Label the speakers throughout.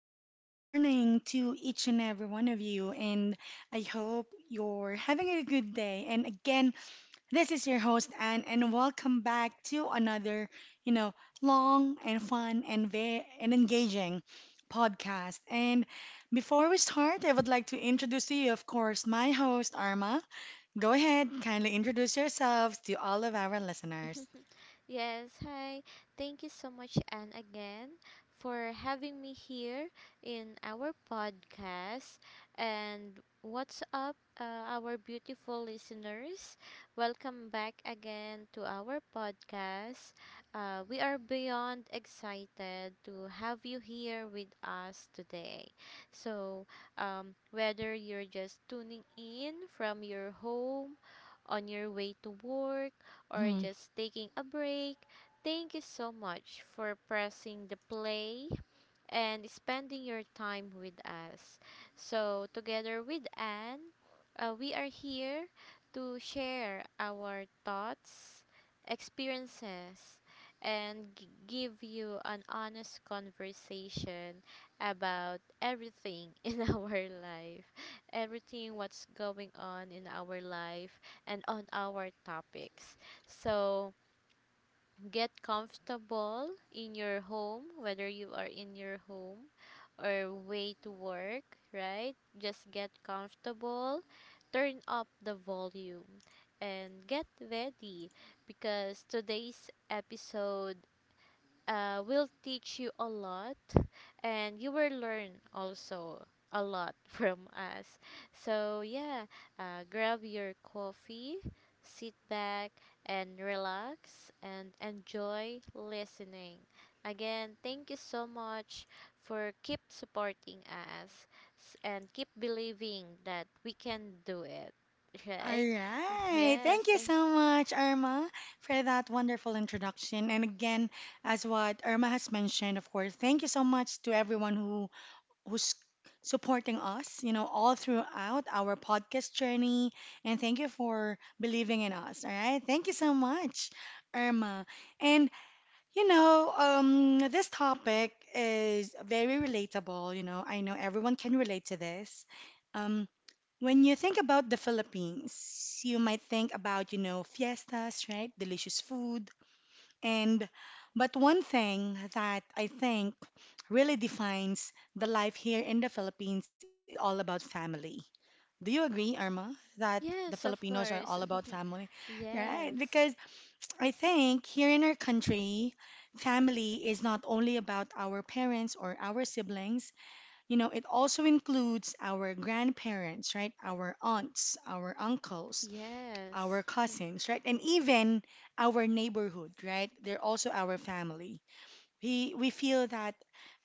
Speaker 1: and good morning to each and every one of you. And I hope you're having a good day. And again, this is your host, Anne, and welcome back to another, you know, long and fun and very and engaging podcast. And before we start, I would like to introduce to you, of course, my host, Arma. Go ahead, kindly introduce yourselves to all of our listeners.
Speaker 2: Yes, hi. Thank you so much, Anne, again for having me here in our podcast. And what's up, our beautiful listeners? Welcome back again to our podcast. We are beyond excited to have you here with us today. So, Whether you're just tuning in from your home, on your way to work, or just taking a break, thank you so much for pressing the play and spending your time with us. So, together with Anne, we are here to share our thoughts, experiences, and give you an honest conversation about everything in our life, everything what's going on in our life and on our topics. So, get comfortable in your home, whether you are in your home or way to work, right? Just get comfortable, turn up the volume, and get ready because today's episode will teach you a lot and you will learn also a lot from us. So, yeah, Grab your coffee, sit back, and relax and enjoy listening. Again, thank you so much for keep supporting us and keep believing that we can do it,
Speaker 1: All
Speaker 2: right?
Speaker 1: right.
Speaker 2: Yes,
Speaker 1: Thank you
Speaker 2: thank
Speaker 1: so much, Irma, for that wonderful introduction. And again, as what Irma has mentioned, of course, thank you so much to everyone who's supporting us, all throughout our podcast journey. And thank you for believing in us. All right. Thank you so much, Irma. And this topic is very relatable. You know, I know everyone can relate to this. Um, when you think about the Philippines, you might think about, fiestas, right? Delicious food. And but one thing that I think really defines the life here in the Philippines is all about family. Do you agree, Irma, that the
Speaker 2: Yes, of
Speaker 1: Filipinos are all
Speaker 2: course.
Speaker 1: about family, right?
Speaker 2: Yes.
Speaker 1: Because I think here in our country, family is not only about our parents or our siblings, it also includes our grandparents, right? Our aunts, our uncles,
Speaker 2: Yes.
Speaker 1: our cousins, right? And even our neighborhood, right? They're also our family, we feel that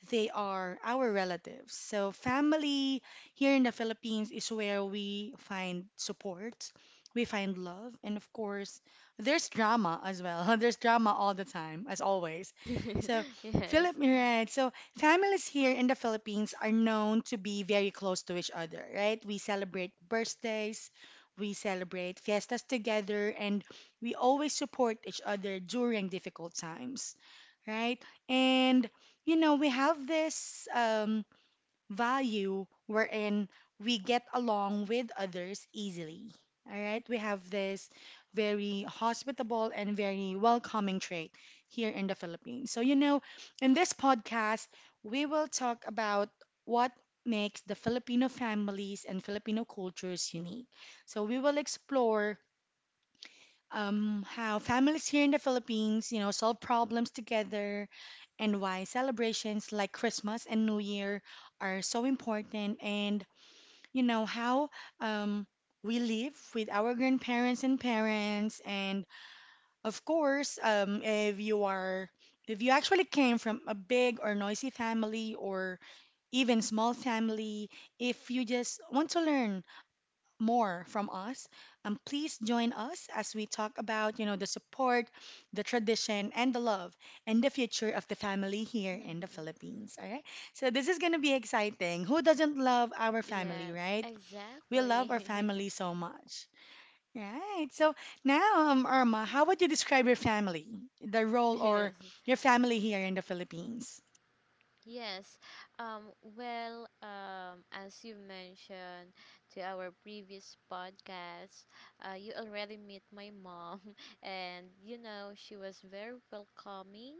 Speaker 1: they are our relatives. So family here in the Philippines is where we find support, we find love, and of course, there's drama as well. There's drama all the time, as always. So
Speaker 2: Yes.
Speaker 1: Right? So families here in the Philippines are known to be very close to each other, right? We celebrate birthdays. We celebrate fiestas together and we always support each other during difficult times, right? And, we have this value wherein we get along with others easily. All right. We have this very hospitable and very welcoming trait here in the Philippines. So, in this podcast, we will talk about what makes the Filipino families and Filipino cultures unique. So, we will explore how families here in the Philippines, solve problems together, and why celebrations like Christmas and New Year are so important, and you know how, um, we live with our grandparents and parents, and of course, if you are, if you actually came from a big or noisy family or even small family, if you just want to learn more from us, please join us as we talk about, the support, the tradition, and the love and the future of the family here in the Philippines. All right. So this is gonna be exciting. Who doesn't love our family,
Speaker 2: Yes.
Speaker 1: right? We love our
Speaker 2: Exactly.
Speaker 1: family so much. Right. So now, Irma, how would you describe your family, the role or
Speaker 2: Yes.
Speaker 1: your family here in the Philippines?
Speaker 2: Yes. Um, as you mentioned to our previous podcast, you already met my mom, and you know she was very welcoming,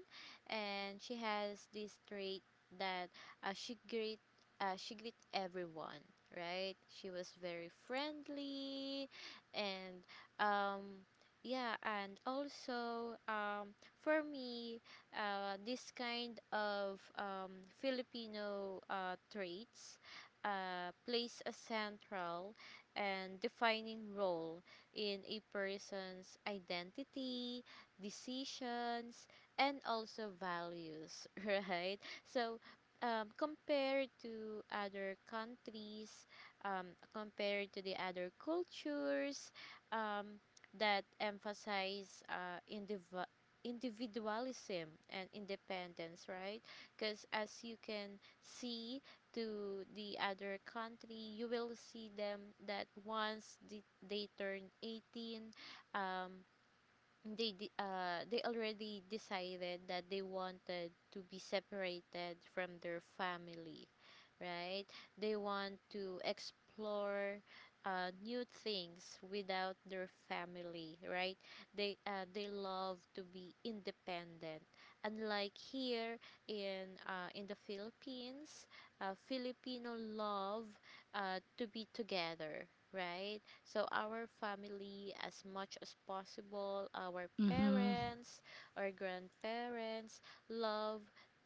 Speaker 2: and she has this trait that uh, she greet uh, she greet everyone. Right? She was very friendly, and um, yeah, and also for me this kind of Filipino traits plays a central and defining role in a person's identity, decisions, and also values, right? So, Compared to other countries, um, compared to the other cultures um, that emphasize individualism and independence, right? Because as you can see to the other country, you will see them that they turn 18, um, they already decided that they wanted to be separated from their family, right? They want to explore new things without their family, right? They love to be independent, unlike here in the Philippines. Filipino love to be together, right? So our family, as much as possible, our
Speaker 1: Mm-hmm.
Speaker 2: parents, or grandparents, love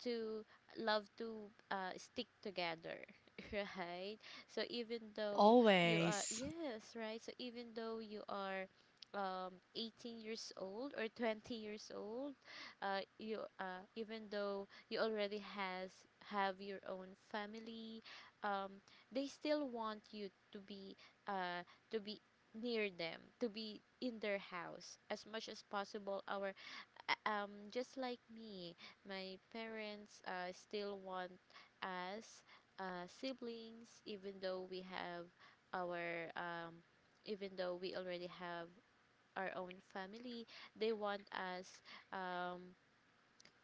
Speaker 2: to stick together, right? So even though you are
Speaker 1: Always.
Speaker 2: yes, right? So even though you are 18 years old or 20 years old you even though you already has have your own family, um they still want you to be uh, to be near them, to be in their house as much as possible. Our Just like me, my parents still want us siblings, even though our um, we already have our own family, they want us um,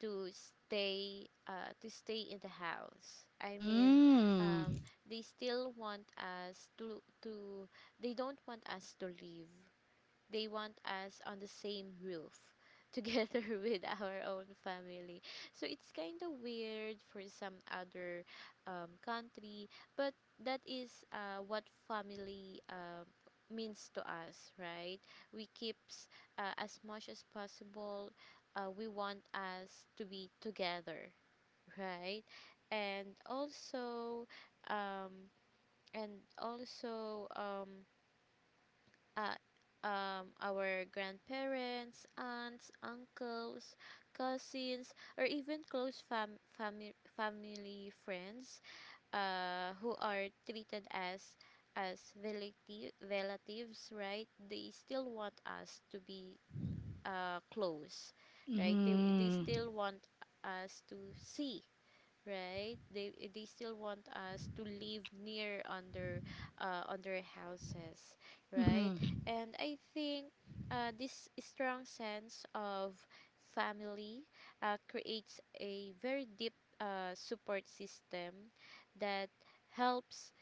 Speaker 2: to stay in the house. I mean,
Speaker 1: Mm.
Speaker 2: um, they still want us to they don't want us to leave. They want us on the same roof together with our own family. So it's kind of weird for some other country, but that is what family means to us, right? We keeps as much as possible. We want us to be together, right? And also, um, and also, um, uh, our grandparents, aunts, uncles, cousins, or even close family friends who are treated as relatives, right? They still want us to be close, right? They
Speaker 1: Mm.
Speaker 2: still want us to see, right? They still want us to live near under on their houses, right?
Speaker 1: Mm.
Speaker 2: And I think this strong sense of family creates a very deep support system that helps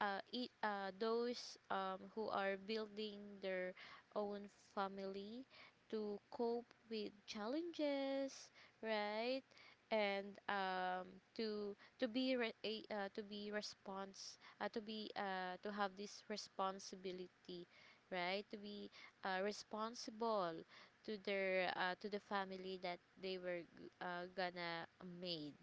Speaker 2: those who are building their own family to cope with challenges, right? And to be re- a- to be response to be to have this responsibility, right? To be responsible to their to the family that they were gonna made,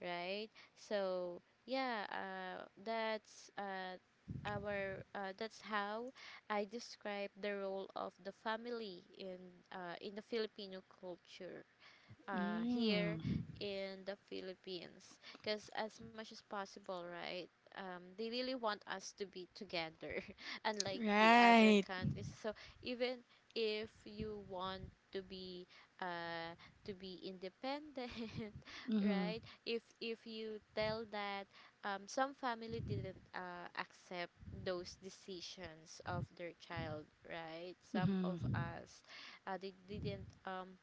Speaker 2: right? So yeah, uh, that's uh, that's how I describe the role of the family in the Filipino culture here
Speaker 1: Mm.
Speaker 2: in the Philippines. Because as much as possible, right? They really want us to be together, unlike the other
Speaker 1: Right.
Speaker 2: countries. So even if you want to be uh, to be independent, right?
Speaker 1: Mm-hmm.
Speaker 2: If you tell that some family didn't accept those decisions of their child, right? Some of
Speaker 1: Mm-hmm.
Speaker 2: us, they didn't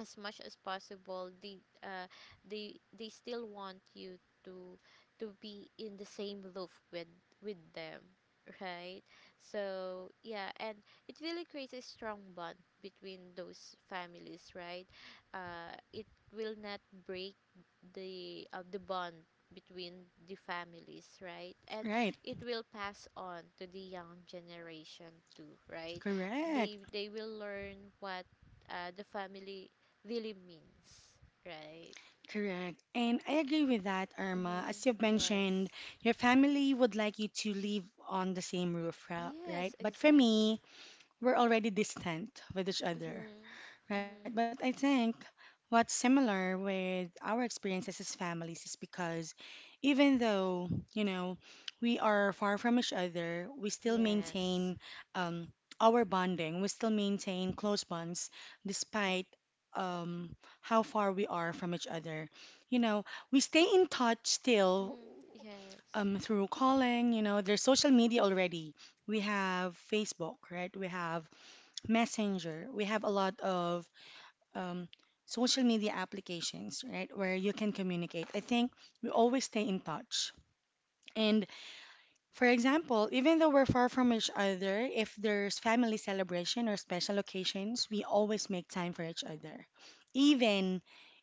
Speaker 2: as much as possible they still want you to be in the same roof with them, right? So yeah, and it really creates a strong bond between those families, right? It will not break the bond between the families, right? And
Speaker 1: Right.
Speaker 2: it will pass on to the young generation too, right?
Speaker 1: Correct.
Speaker 2: They will learn what the family really means, right?
Speaker 1: Correct. And I agree with that, Irma.
Speaker 2: Mm-hmm.
Speaker 1: As you've mentioned,
Speaker 2: Yes.
Speaker 1: your family would like you to live on the same roof, right?
Speaker 2: Yes,
Speaker 1: But for
Speaker 2: exactly.
Speaker 1: me, we're already distant with each other.
Speaker 2: Mm-hmm.
Speaker 1: Right, but
Speaker 2: Mm-hmm.
Speaker 1: I think what's similar with our experiences as families is because even though, we are far from each other, we still
Speaker 2: Yes.
Speaker 1: maintain, um, our bonding, we still maintain close bonds despite, how far we are from each other. You know, we stay in touch still,
Speaker 2: Mm-hmm. Yes.
Speaker 1: through calling, there's social media already. We have Facebook, right? We have Messenger. We have a lot of, um, social media applications, right, where you can communicate. I think we always stay in touch. And for example, even though we're far from each other, if there's family celebration or special occasions, we always make time for each other. Even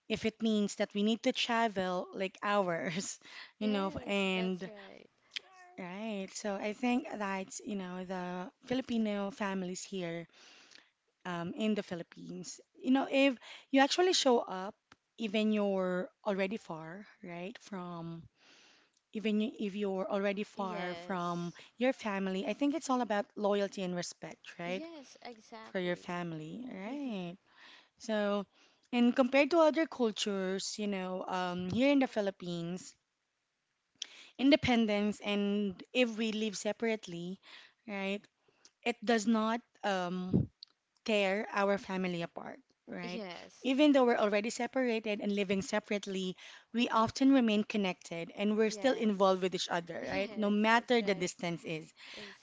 Speaker 1: if it means that we need to travel like hours,
Speaker 2: Yes, that's
Speaker 1: and
Speaker 2: right.
Speaker 1: right. So I think that's, the Filipino families here, in the Philippines. You know, if you actually show up, even you're already far, right, from if you're already far from
Speaker 2: Yes.
Speaker 1: your family, I think it's all about loyalty and respect, right,
Speaker 2: Yes,
Speaker 1: for your
Speaker 2: exactly.
Speaker 1: family, right? So, and compared to other cultures, here in the Philippines, independence and if we live separately, right, it does not, tear our family apart, right?
Speaker 2: Yes.
Speaker 1: Even though we're already separated and living separately, we often remain connected and we're still involved
Speaker 2: Yes.
Speaker 1: with each other, right? No
Speaker 2: Yes, that's
Speaker 1: matter the
Speaker 2: right.
Speaker 1: distance is.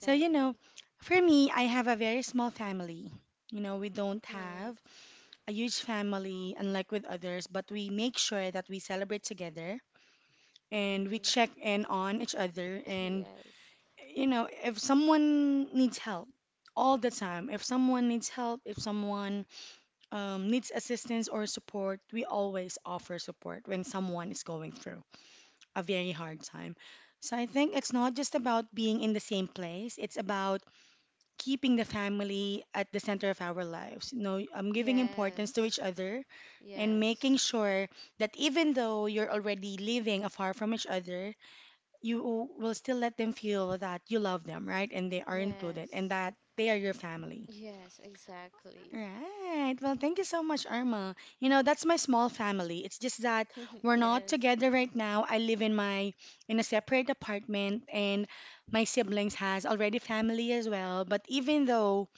Speaker 1: So, for me, I have a very small family. You know, we don't
Speaker 2: Mhm.
Speaker 1: have a huge family, unlike with others, but we make sure that we celebrate together and we
Speaker 2: Mhm.
Speaker 1: check in on each other. And,
Speaker 2: Yes.
Speaker 1: if someone needs help all the time, if someone needs help, if someone, needs assistance or support, we always offer support when someone is going through a very hard time. So I think it's not just about being in the same place, it's about keeping the family at the center of our lives. Giving importance to each
Speaker 2: Yes.
Speaker 1: other and making sure that even though you're already living afar from each other, you will still let them feel that you love them, right? And they
Speaker 2: Yes.
Speaker 1: are included and
Speaker 2: Yes.
Speaker 1: that they are your family.
Speaker 2: Yes, exactly.
Speaker 1: Right. Well, thank you so much, Irma. You know, that's my small family. It's just that we're not
Speaker 2: Yes.
Speaker 1: together right now. I live in my in a separate apartment and my siblings has already family as well. But even though,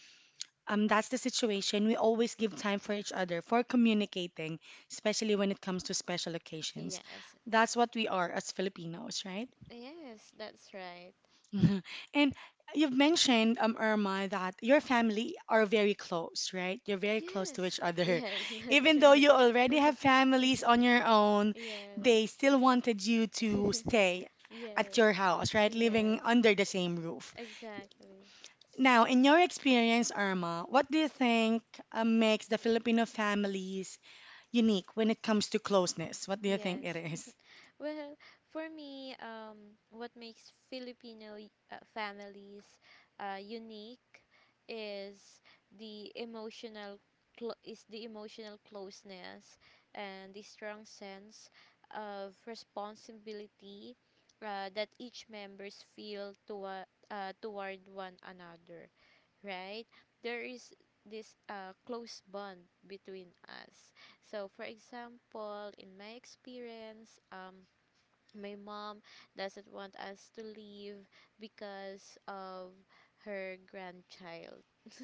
Speaker 1: that's the situation, we always give time for each other for communicating, especially when it comes to special occasions.
Speaker 2: Yes.
Speaker 1: That's what we are as Filipinos, right?
Speaker 2: Yes, that's right.
Speaker 1: Mhm. And you've mentioned, Irma, that your family are very close, right? You're very close to
Speaker 2: Yes.
Speaker 1: each other.
Speaker 2: Yes, that's
Speaker 1: Even though
Speaker 2: right.
Speaker 1: you already have families on your own,
Speaker 2: Yes.
Speaker 1: they still wanted you to stay at
Speaker 2: Yes.
Speaker 1: your house, right? Living
Speaker 2: Yes.
Speaker 1: under the same roof.
Speaker 2: Exactly.
Speaker 1: Now, in your experience, Irma, what do you think makes the Filipino families unique when it comes to closeness? What do you think it
Speaker 2: Yes.
Speaker 1: is?
Speaker 2: Well, for me, what makes Filipino families unique is the emotional closeness and the strong sense of responsibility that each members feel toward one another. Right? There is this close bond between us. So, for example, in my experience, my mom doesn't want us to leave because of her grandchild.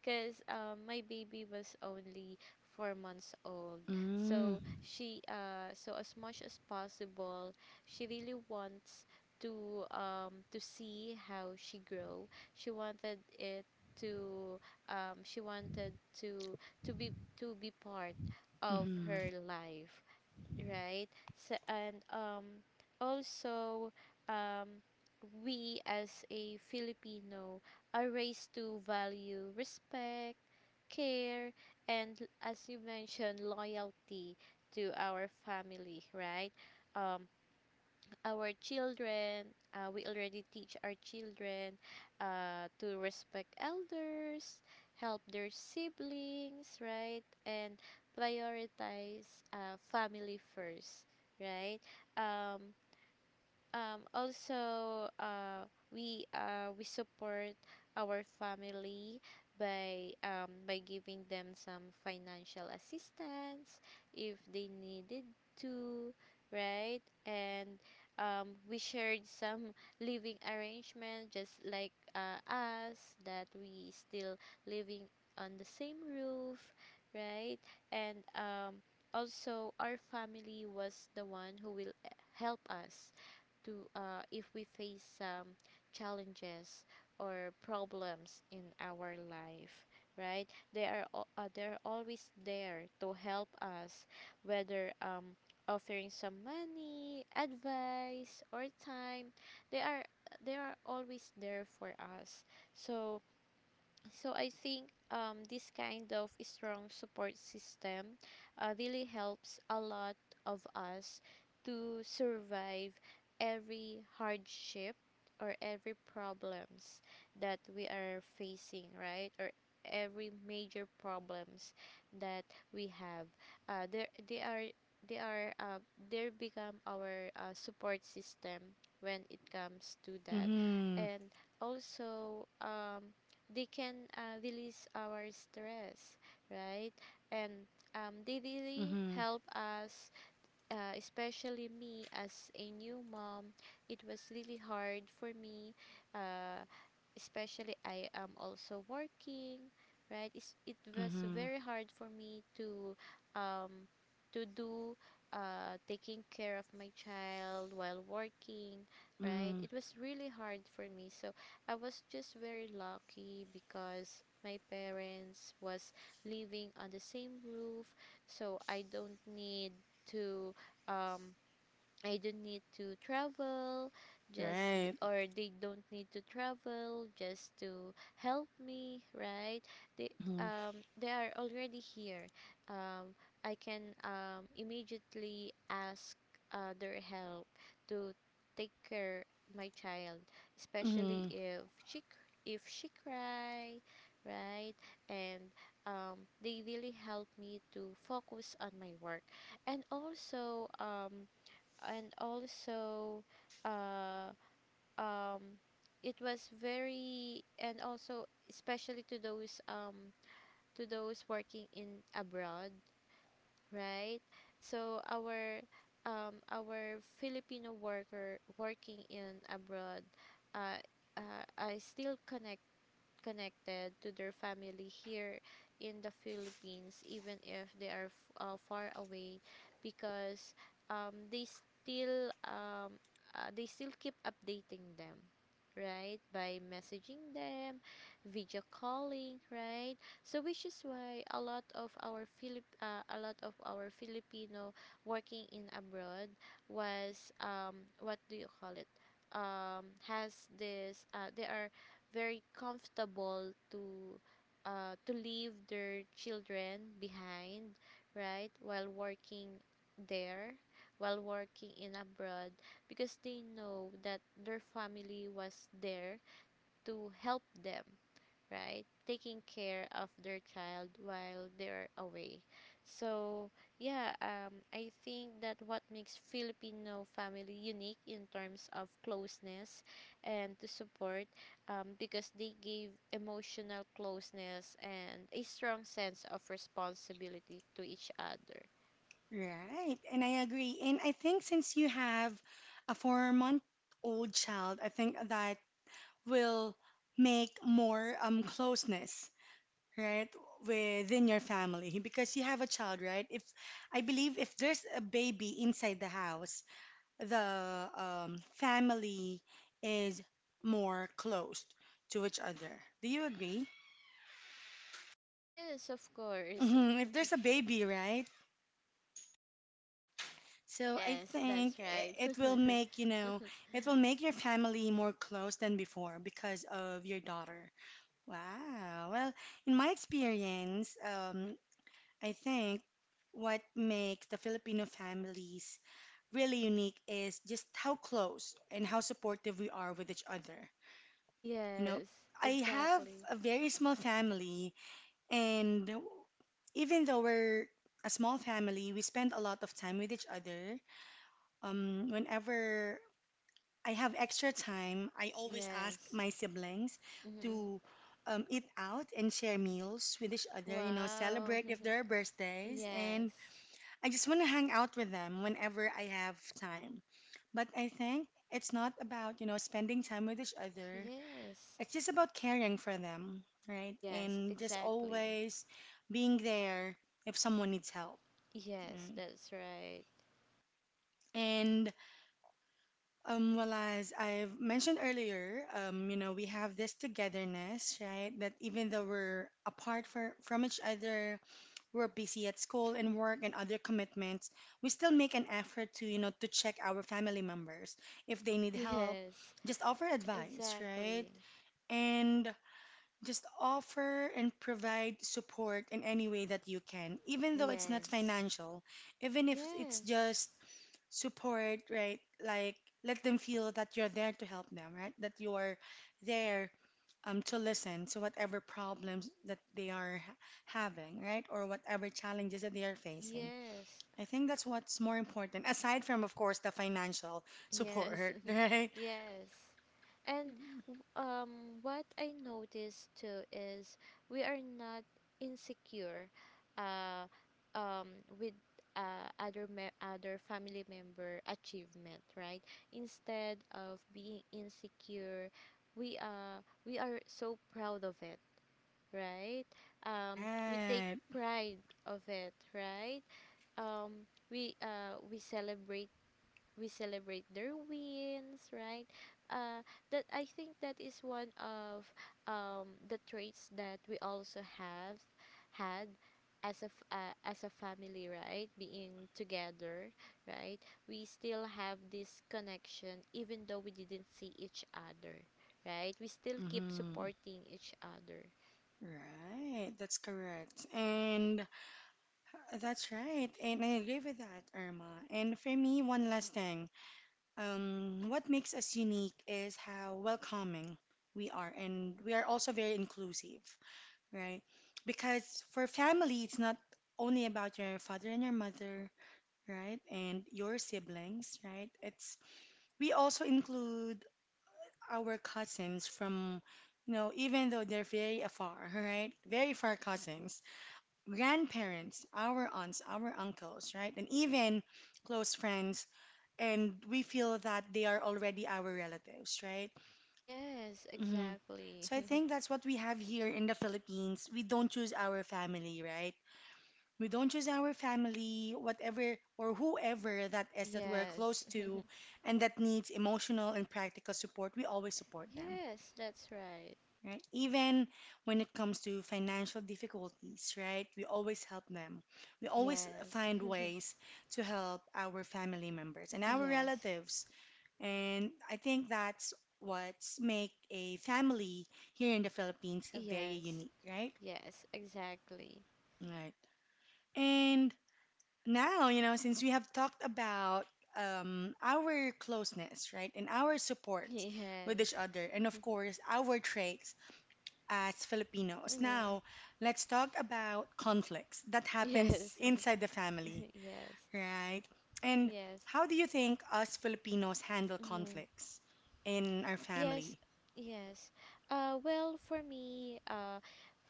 Speaker 2: Because my baby was only 4 months old, so
Speaker 1: Mm-hmm.
Speaker 2: she so as much as possible she really wants to see how she grow. she wanted it to she wanted to to be to be part of
Speaker 1: Mm-hmm.
Speaker 2: her life, right? So, and also, um, we as a Filipino are raised to value respect, care, and as you mentioned, loyalty to our family, right? Um, our children we already teach our children to respect elders, help their siblings, right? And prioritize family first, right? um, also we support our family by giving them some financial assistance if they needed to, right? And we shared some living arrangement just like us, that we still living on the same roof, right? And also our family was the one who will help us to if we face some challenges or problems in our life, right? They're always there to help us, whether offering some money advice or time. they are they are always there for us. So so I think this kind of strong support system really helps a lot of us to survive every hardship or every problems that we are facing, right? Or every major problems that we have. There they are they are They become our support system when it comes to that,
Speaker 1: Mm-hmm.
Speaker 2: and also they can release our stress, right? And they really
Speaker 1: Mm-hmm.
Speaker 2: help us, especially me as a new mom. It was really hard for me. Uh, Especially I am also working, right? It was
Speaker 1: Mm-hmm.
Speaker 2: very hard for me um to do taking care of my child while working, right? It was really hard for me. So I was just very lucky because my parents was living on the same roof, so I don't need to um I don't need to travel
Speaker 1: Right.
Speaker 2: or they don't need to travel just to help me, right? they
Speaker 1: Mm-hmm.
Speaker 2: they are already here. um I can immediately ask their help to take care my child, especially
Speaker 1: Mm-hmm.
Speaker 2: if she cry, right? And they really help me to focus on my work. And also and also uh, um, it was very and also especially to those working in abroad, right? So our Filipino worker working in abroad, uh, I still connected to their family here in the Philippines, even if they are far away, because um, they still um, they still keep updating them, right? By messaging them, video calling, right? So which is why a lot of our Philip a lot of our Filipino working in abroad was what do you call it? Has this they are very comfortable to leave their children behind, right? While working there, while working in abroad, because they know that their family was there to help them, right? Taking care of their child while they're away. So, yeah, I think that what makes Filipino family unique in terms of closeness and to support, because they give emotional closeness and a strong sense of responsibility to each other.
Speaker 1: Right. And I agree. And I think since you have a four-month-old child, I think that will make more closeness, right, within your family because you have a child, right? If I believe if there's a baby inside the house, the, family is more close to each other. Do you agree?
Speaker 2: Yes, of course.
Speaker 1: Hmm. If there's a baby, right? So I
Speaker 2: Yes, that's
Speaker 1: think
Speaker 2: right.
Speaker 1: it will make, it will make your family more close than before because of your daughter. Wow. Well, in my experience, I think what makes the Filipino families really unique is just how close and how supportive we are with each other. You know,
Speaker 2: Yes,
Speaker 1: I have
Speaker 2: exactly.
Speaker 1: a very small family, and even though we're a small family, we spend a lot of time with each other. Whenever I have extra time, I always ask
Speaker 2: Yes.
Speaker 1: my siblings
Speaker 2: Hmm.
Speaker 1: to, eat out and share meals with each other,
Speaker 2: Wow.
Speaker 1: celebrate if there are birthdays. And
Speaker 2: Yes.
Speaker 1: I just want to hang out with them whenever I have time. But I think it's not about, spending time with each other.
Speaker 2: Yes.
Speaker 1: It's just about caring for them, right?
Speaker 2: Yes,
Speaker 1: And just
Speaker 2: exactly.
Speaker 1: always being there if someone needs help,
Speaker 2: Yes,
Speaker 1: right?
Speaker 2: that's right.
Speaker 1: And, well, as I've mentioned earlier, we have this togetherness, right? That even though we're apart from each other, we're busy at school and work and other commitments, we still make an effort to check our family members if they need help,
Speaker 2: Yes,
Speaker 1: just offer advice, right?
Speaker 2: exactly.
Speaker 1: And just offer and provide support in any way that you can, even though it's not
Speaker 2: Yes.
Speaker 1: financial, even if it's
Speaker 2: Yes.
Speaker 1: just support, right? Like let them feel that you're there to help them, right? That you're there, to listen to whatever problems that they are having, right? Or whatever challenges that they are facing.
Speaker 2: Yes.
Speaker 1: I think that's what's more important, aside from, of course, the financial
Speaker 2: Yes,
Speaker 1: support, right?
Speaker 2: yes. And what I noticed too is we are not insecure uh, with other family member achievement, right? Instead of being insecure, we are so proud of it, right? We take
Speaker 1: Right.
Speaker 2: pride of it, right? Um, we uh, we celebrate we celebrate their wins, right? uh that I think that is one of the traits that we also have had as as a family, right? Being together, right? We still have this connection even though we didn't see each other, right? We still keep
Speaker 1: Mm-hmm.
Speaker 2: supporting each other.
Speaker 1: Right. That's correct. And that's right. And I agree with that, Irma. And for me, one last thing. What makes us unique is how welcoming we are, and we are also very inclusive, right? Because for family, it's not only about your father and your mother, right? And your siblings, right? It's we also include our cousins from, even though they're very afar, right? Very far cousins, grandparents, our aunts, our uncles, right? And even close friends and we feel that they are already our relatives, right?
Speaker 2: Yes,
Speaker 1: Hmm.
Speaker 2: exactly.
Speaker 1: So I think that's what we have here in the Philippines. We don't choose our family, right? We don't choose our family, whatever or whoever that is that we're
Speaker 2: Yes.
Speaker 1: close to and that needs emotional and practical support, we always support them,
Speaker 2: Yes, that's right.
Speaker 1: right? Even when it comes to financial difficulties, right? We always help them. We always
Speaker 2: Yes.
Speaker 1: find ways to help our family members and our
Speaker 2: Yes.
Speaker 1: relatives. And I think that's what's make a family here in the Philippines very
Speaker 2: Yes,
Speaker 1: unique, right?
Speaker 2: yes, exactly.
Speaker 1: Right. And now, you know, since we have talked about our closeness, right, and our support with
Speaker 2: Yes.
Speaker 1: each other, and of course, our traits as Filipinos,
Speaker 2: Hmm.
Speaker 1: now let's talk about conflicts that happens
Speaker 2: Yes,
Speaker 1: inside the family,
Speaker 2: yes,
Speaker 1: right? And
Speaker 2: yes.
Speaker 1: how do you think us Filipinos handle
Speaker 2: Hmm.
Speaker 1: conflicts in our
Speaker 2: Yes,
Speaker 1: family?
Speaker 2: yes. Well, for me,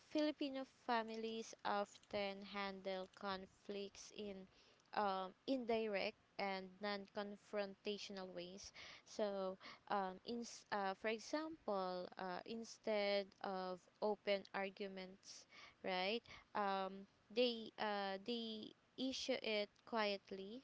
Speaker 2: Filipino families often handle conflicts in indirect and non-confrontational ways. So, um, in, for example, instead of open arguments, right? They issue it quietly,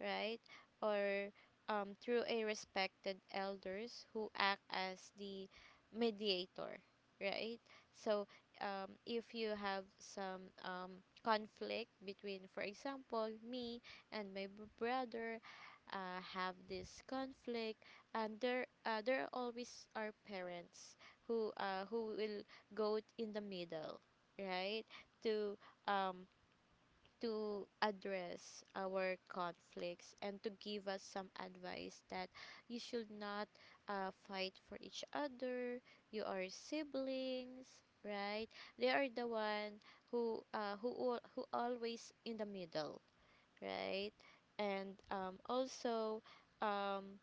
Speaker 2: right? Or through a respected elders who act as the mediator, right? So, if you have some conflict between, for example, me and my brother, have this conflict, and there always are parents who will go in the middle, right? To um, to address our conflicts and to give us some advice that you should not fight for each other. You are siblings, right? They are the one who uh, who who always in the middle, right? And also, um,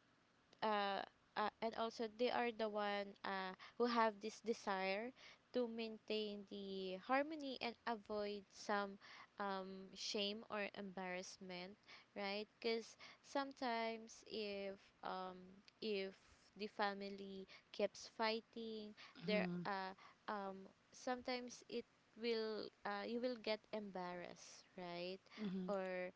Speaker 2: uh, and also they are the one who have this desire to maintain the harmony and avoid some shame or embarrassment, right? Because sometimes if um, if the family keeps fighting, there um, sometimes it will you will get embarrassed, right?
Speaker 1: Mhm.
Speaker 2: Or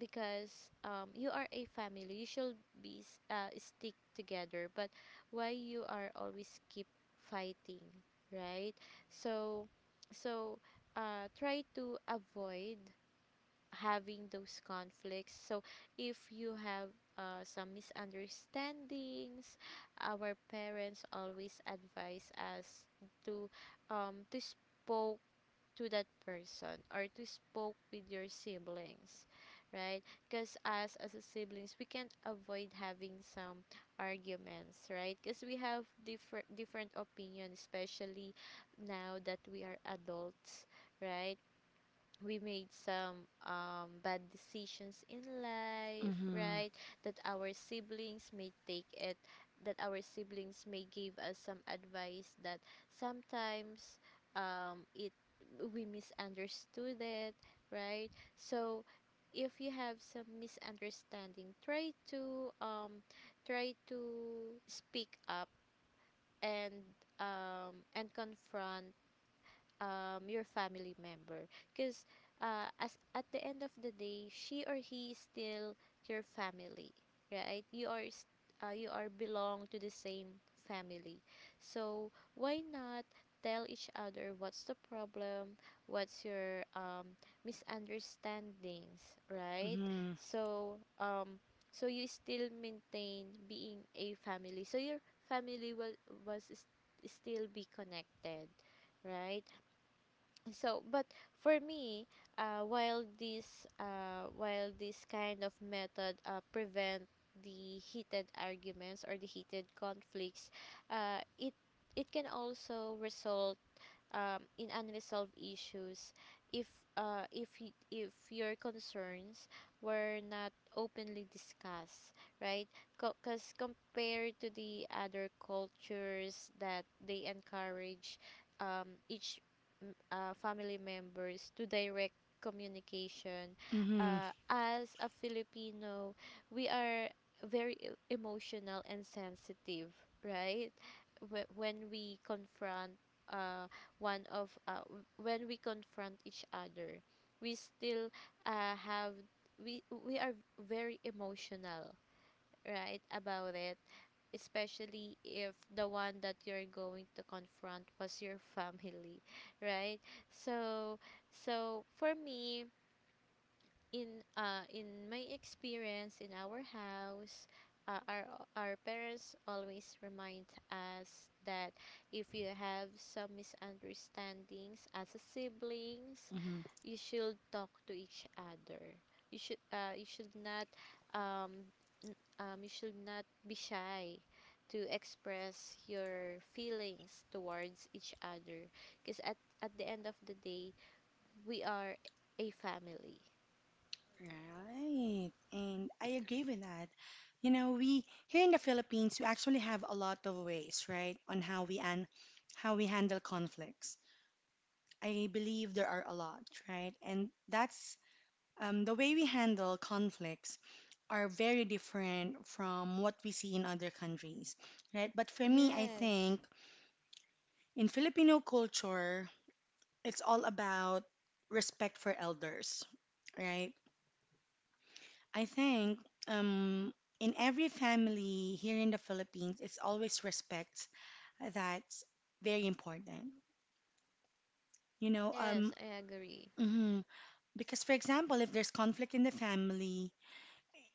Speaker 2: because you are a family. You should stick together. But why you are always keep fighting, right? So, so, try to avoid having those conflicts. So if you have some misunderstandings, our parents always advise us to to spoke to that person or to spoke with your siblings, right? Because as a siblings we can't avoid having some arguments, right? Because we have different opinions, especially now that we are adults, right? We made some bad decisions in life,
Speaker 1: Mhm.
Speaker 2: right? That our siblings may take it, that our siblings may give us some advice that sometimes it we misunderstood it, right? So if you have some misunderstanding, try to try to speak up and and confront your family member, because as at the end of the day, she or he is still your family, right? You are belong to the same family, so why not tell each other what's the problem, what's your misunderstandings, right?
Speaker 1: Mhm.
Speaker 2: So so you still maintain being a family, so your family will was s- still be connected, right? So but for me, while this kind of method prevent the heated arguments or the heated conflicts, uh, it it can also result in unresolved issues if if your concerns were not openly discussed, right? Because compared to the other cultures that they encourage each family members to direct communication.
Speaker 1: Mhm.
Speaker 2: As a filipino, we are very emotional and sensitive, right? When we confront uh, when we confront each other we still have, we are very emotional, right, about it, especially if the one that you're going to confront was your family, right? So so for me, in my experience in our house, uh, our our parents always remind us that if you have some misunderstandings as a siblings,
Speaker 1: Mhm.
Speaker 2: you should talk to each other. You should, you should not um, you should not be shy to express your feelings towards each other, because at the end of the day, we are a family.
Speaker 1: Right. And I agree with that. You know, we here in the Philippines, we actually have a lot of ways, right, on how we and how we handle conflicts. I believe there are a lot, right? And that's the way we handle conflicts are very different from what we see in other countries, right? But for me, I
Speaker 2: Yes,
Speaker 1: think in Filipino culture, it's all about respect for elders, right? I think um, in every family here in the Philippines, it's always respect that's very important. You know,
Speaker 2: yes, I agree.
Speaker 1: mhm. Because for example, if there's conflict in the family,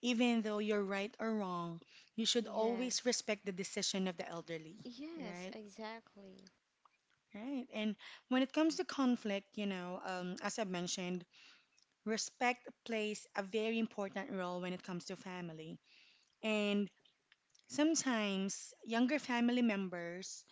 Speaker 1: even though you're right or wrong, you should always
Speaker 2: Yes,
Speaker 1: respect the decision of the elderly,
Speaker 2: yes,
Speaker 1: right?
Speaker 2: exactly.
Speaker 1: Right. And when it comes to conflict, you know, as I mentioned, respect plays a very important role when it comes to family. And sometimes younger family members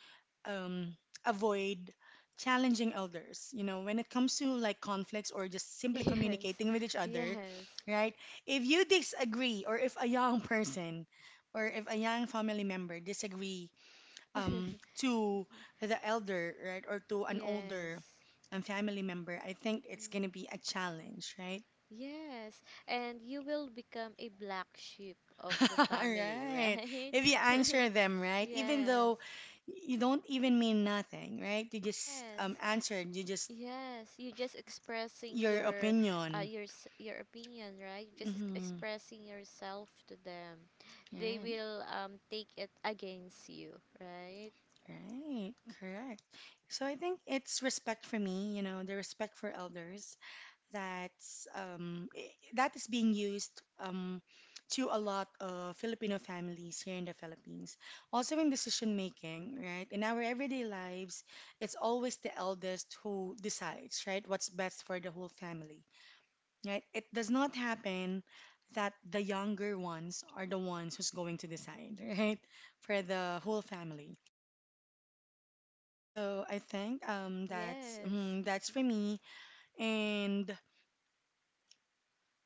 Speaker 1: um, avoid challenging elders. You know, when it comes to like conflicts or just simply
Speaker 2: Yes,
Speaker 1: communicating with each other,
Speaker 2: yes,
Speaker 1: right? If you disagree, or if a young person or if a young family member disagree to the elder, right, or to an
Speaker 2: yes,
Speaker 1: older family member, I think it's
Speaker 2: mm,
Speaker 1: going to be a challenge, right?
Speaker 2: yes. And you will become a black sheep of the
Speaker 1: All
Speaker 2: family,
Speaker 1: right.
Speaker 2: right?
Speaker 1: If you answer them right, even
Speaker 2: Yes,
Speaker 1: though you don't even mean nothing, right? You just
Speaker 2: yes.
Speaker 1: answered. You just
Speaker 2: Yes, you're just expressing
Speaker 1: your
Speaker 2: your
Speaker 1: opinion.
Speaker 2: your opinion, right? You're just
Speaker 1: Mm-hmm.
Speaker 2: expressing yourself to them. They
Speaker 1: Right.
Speaker 2: will take it against you, right?
Speaker 1: Right. Correct. So I think it's respect for me. You know, the respect for elders. That's that is being used to a lot of Filipino families here in the Philippines. Also in decision making, right? In our everyday lives, it's always the eldest who decides, right? What's best for the whole family, right? It does not happen that the younger ones are the ones who's going to decide, right? For the whole family. So I think that's
Speaker 2: Yes.
Speaker 1: that's for me, and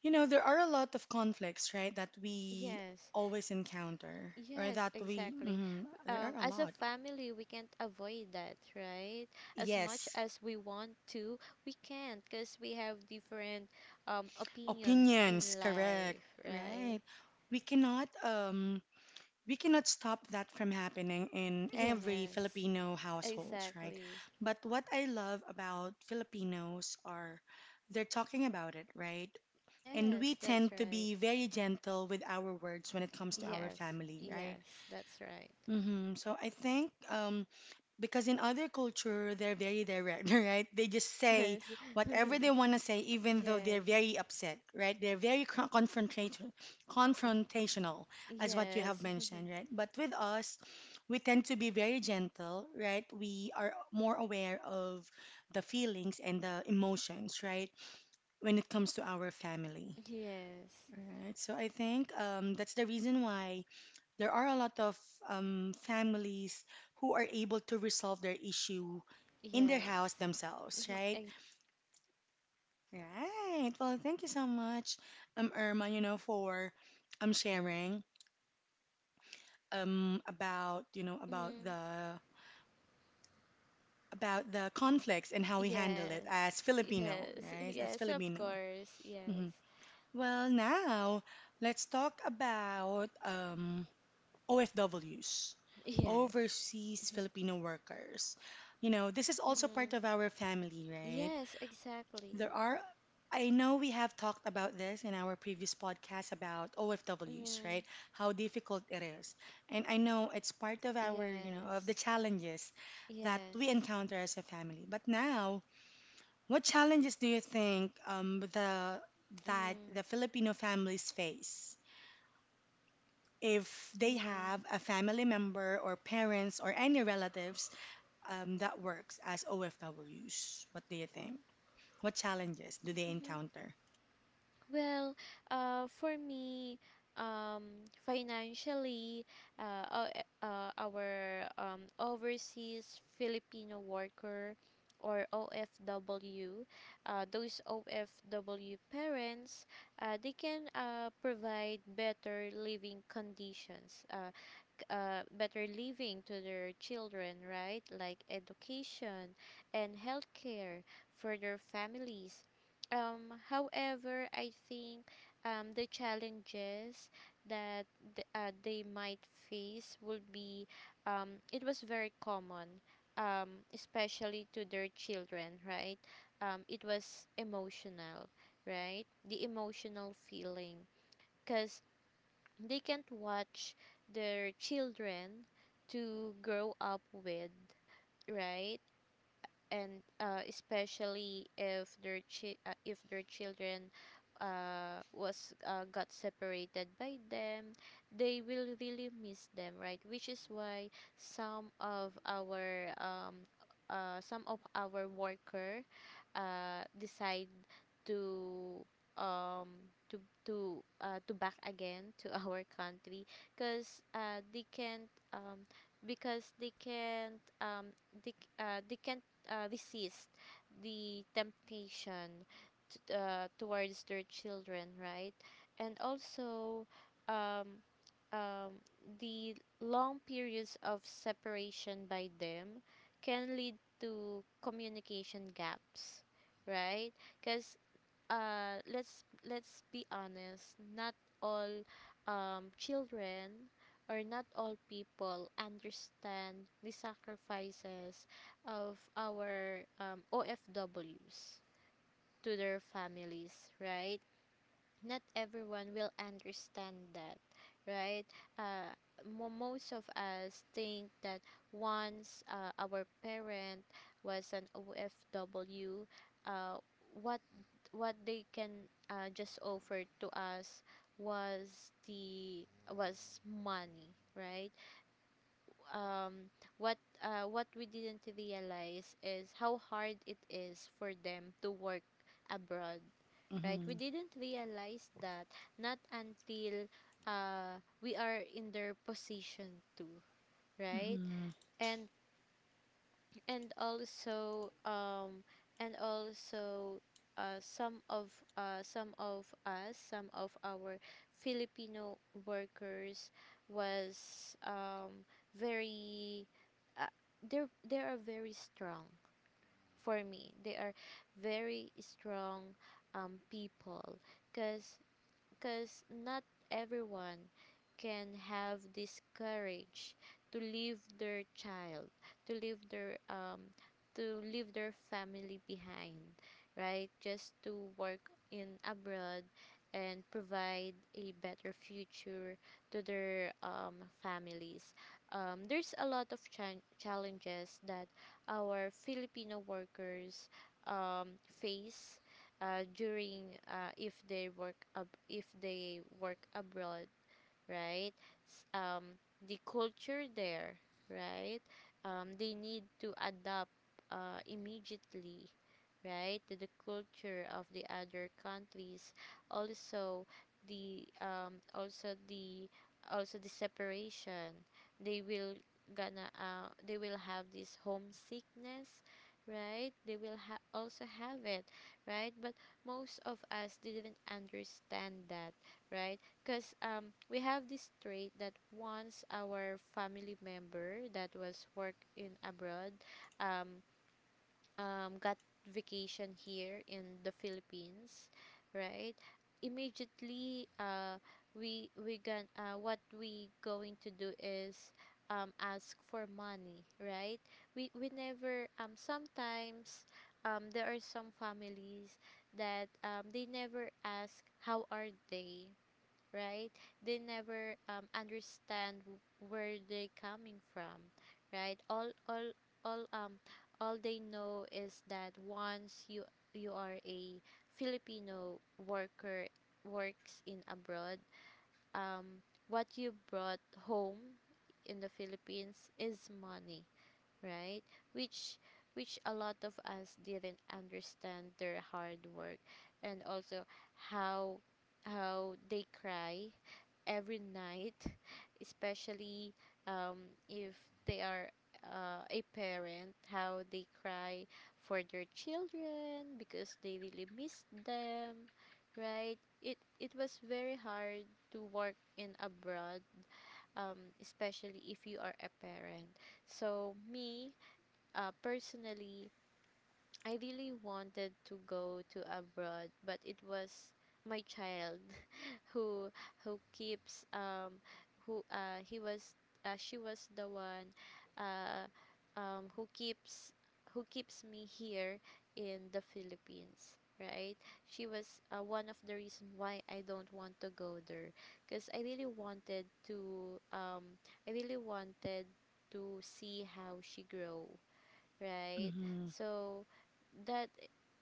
Speaker 1: you know, there are a lot of conflicts, right, that we
Speaker 2: Yes.
Speaker 1: always encounter, or
Speaker 2: Yes,
Speaker 1: that we,
Speaker 2: exactly.
Speaker 1: there are
Speaker 2: Um,
Speaker 1: a
Speaker 2: as a
Speaker 1: lot.
Speaker 2: family, we can't avoid that, right? As much
Speaker 1: Yes,
Speaker 2: as we want to, we can't because we have different opinions
Speaker 1: opinions,
Speaker 2: in
Speaker 1: correct,
Speaker 2: life, right?
Speaker 1: right. We cannot, um, we cannot stop that from happening in every
Speaker 2: Yes.
Speaker 1: Filipino households, right?
Speaker 2: Exactly.
Speaker 1: But what I love about Filipinos are they're talking about it, right? And we
Speaker 2: Yes, that's
Speaker 1: tend to
Speaker 2: right.
Speaker 1: be very gentle with our words when it comes to our
Speaker 2: Yes,
Speaker 1: family, right?
Speaker 2: yes, that's right.
Speaker 1: Hmm. So I think, because in other culture, they're very direct, right? They just say
Speaker 2: Yes,
Speaker 1: whatever they want to say, even though they're
Speaker 2: yes,
Speaker 1: very upset, right? They're very confrontation, confrontational, as what you have
Speaker 2: yes,
Speaker 1: mentioned, right? But with us, we tend to be very gentle, right? We are more aware of the feelings and the emotions, right? When it comes to our family,
Speaker 2: yes,
Speaker 1: right? So I think that's the reason why there are a lot of families who are able to resolve their issue in their house
Speaker 2: yes.
Speaker 1: themselves,
Speaker 2: Mhm,
Speaker 1: right?
Speaker 2: ex-
Speaker 1: Right. Well, thank you so much, Irma, you know, for sharing about, you know,
Speaker 2: Mhm.
Speaker 1: about the conflicts and how we handle it
Speaker 2: Yes,
Speaker 1: as Filipino,
Speaker 2: yes,
Speaker 1: right? As
Speaker 2: yes, of
Speaker 1: Filipino.
Speaker 2: course. Yes,
Speaker 1: Hmm. Well, now let's talk about OFWs,
Speaker 2: yes.
Speaker 1: overseas
Speaker 2: Mhm,
Speaker 1: Filipino workers. You know, this is also part
Speaker 2: mhm.
Speaker 1: of our family, right?
Speaker 2: Yes, exactly.
Speaker 1: There are, I know we have talked about this in our previous podcast about OFWs, right?
Speaker 2: Mhm.
Speaker 1: How difficult it is. And I know it's part of our, you know, of the
Speaker 2: Yes,
Speaker 1: challenges that we
Speaker 2: yes.
Speaker 1: encounter as a family. But now, what challenges do you think the that
Speaker 2: Mm-hmm.
Speaker 1: the Filipino families face? If they
Speaker 2: Mm-hmm.
Speaker 1: have a family member or parents or any relatives that works as OFWs. What do you think? What challenges do they
Speaker 2: Mm-hmm.
Speaker 1: encounter?
Speaker 2: Well, for me, financially, our overseas Filipino worker or OFW, those OFW parents, they can provide better living conditions. Better living to their children, right? Like education and healthcare for their families. However, I think the challenges that they might face would be it was very common, especially to their children, right? It was emotional, right? The emotional feeling. Because they can't watch their children to grow up with, right? And especially if if their children was got separated by them, they will really miss them, right? Which is why some of our um, some of our worker decide to um to to back again to our country because they can't because they can't they can't resist the temptation towards their children, right? And also, um um the long periods of separation by them can lead to communication gaps, right? Because let's be honest, not all children or not all people understand the sacrifices of our OFWs to their families, right? Not everyone will understand that, right? uh Most of us think that once our parent was an OFW, uh what what they can just offer to us was the was money, right? Um, what we didn't realize is how hard it is for them to work abroad, right?
Speaker 1: Mm-hmm.
Speaker 2: We didn't realize that not until we are in their position too, right?
Speaker 1: Mm-hmm.
Speaker 2: And and also um and also uh, some of some of us some of our Filipino workers was very uh, they are very strong. For me, they are very strong people. because because not everyone can have this courage to leave their child, to leave their um, to leave their family behind, right? Just to work in abroad and provide a better future to their families. There's a lot of chan challenges that our Filipino workers face during if they work abroad, right? The culture there, right? Um, they need to adapt immediately, right, to the culture of the other countries. Also, the also the also the separation. They will gonna they will have this homesickness, right? Also have it, right? But most of us didn't understand that, right? Because we have this trait that once our family member that was work in abroad, um got vacation here in the Philippines, right? Immediately, we going what we going to do is ask for money, right? We never sometimes there are some families that they never ask how are they, right? They never understand where they're coming from, right? All, um, all they know is that once you you are a Filipino worker works in abroad, what you brought home in the Philippines is money, right? Which which a lot of us didn't understand their hard work and also how how they cry every night, especially if they are a parent, how they cry for their children because they really miss them, right? It was very hard to work in abroad, especially if you are a parent. So me, personally, I really wanted to go to abroad, but it was my child who who keeps who he was she was the one uh who keeps me here in the Philippines, right? She was one of the reason why I don't want to go there because I really wanted to I really wanted to see how she grow, right?
Speaker 1: Mm-hmm.
Speaker 2: so that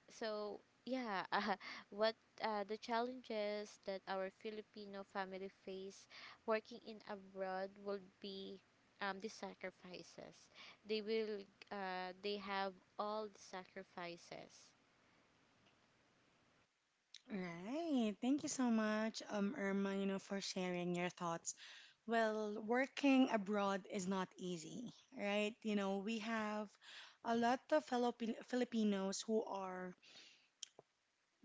Speaker 2: so yeah uh, what the challenges that our filipino family face working in abroad will be the sacrifices they will they have, all the sacrifices.
Speaker 1: Right. Thank you so much, Irma, you know, for sharing your thoughts. Well, working abroad is not easy, right? You know, we have a lot of fellow Filipinos who are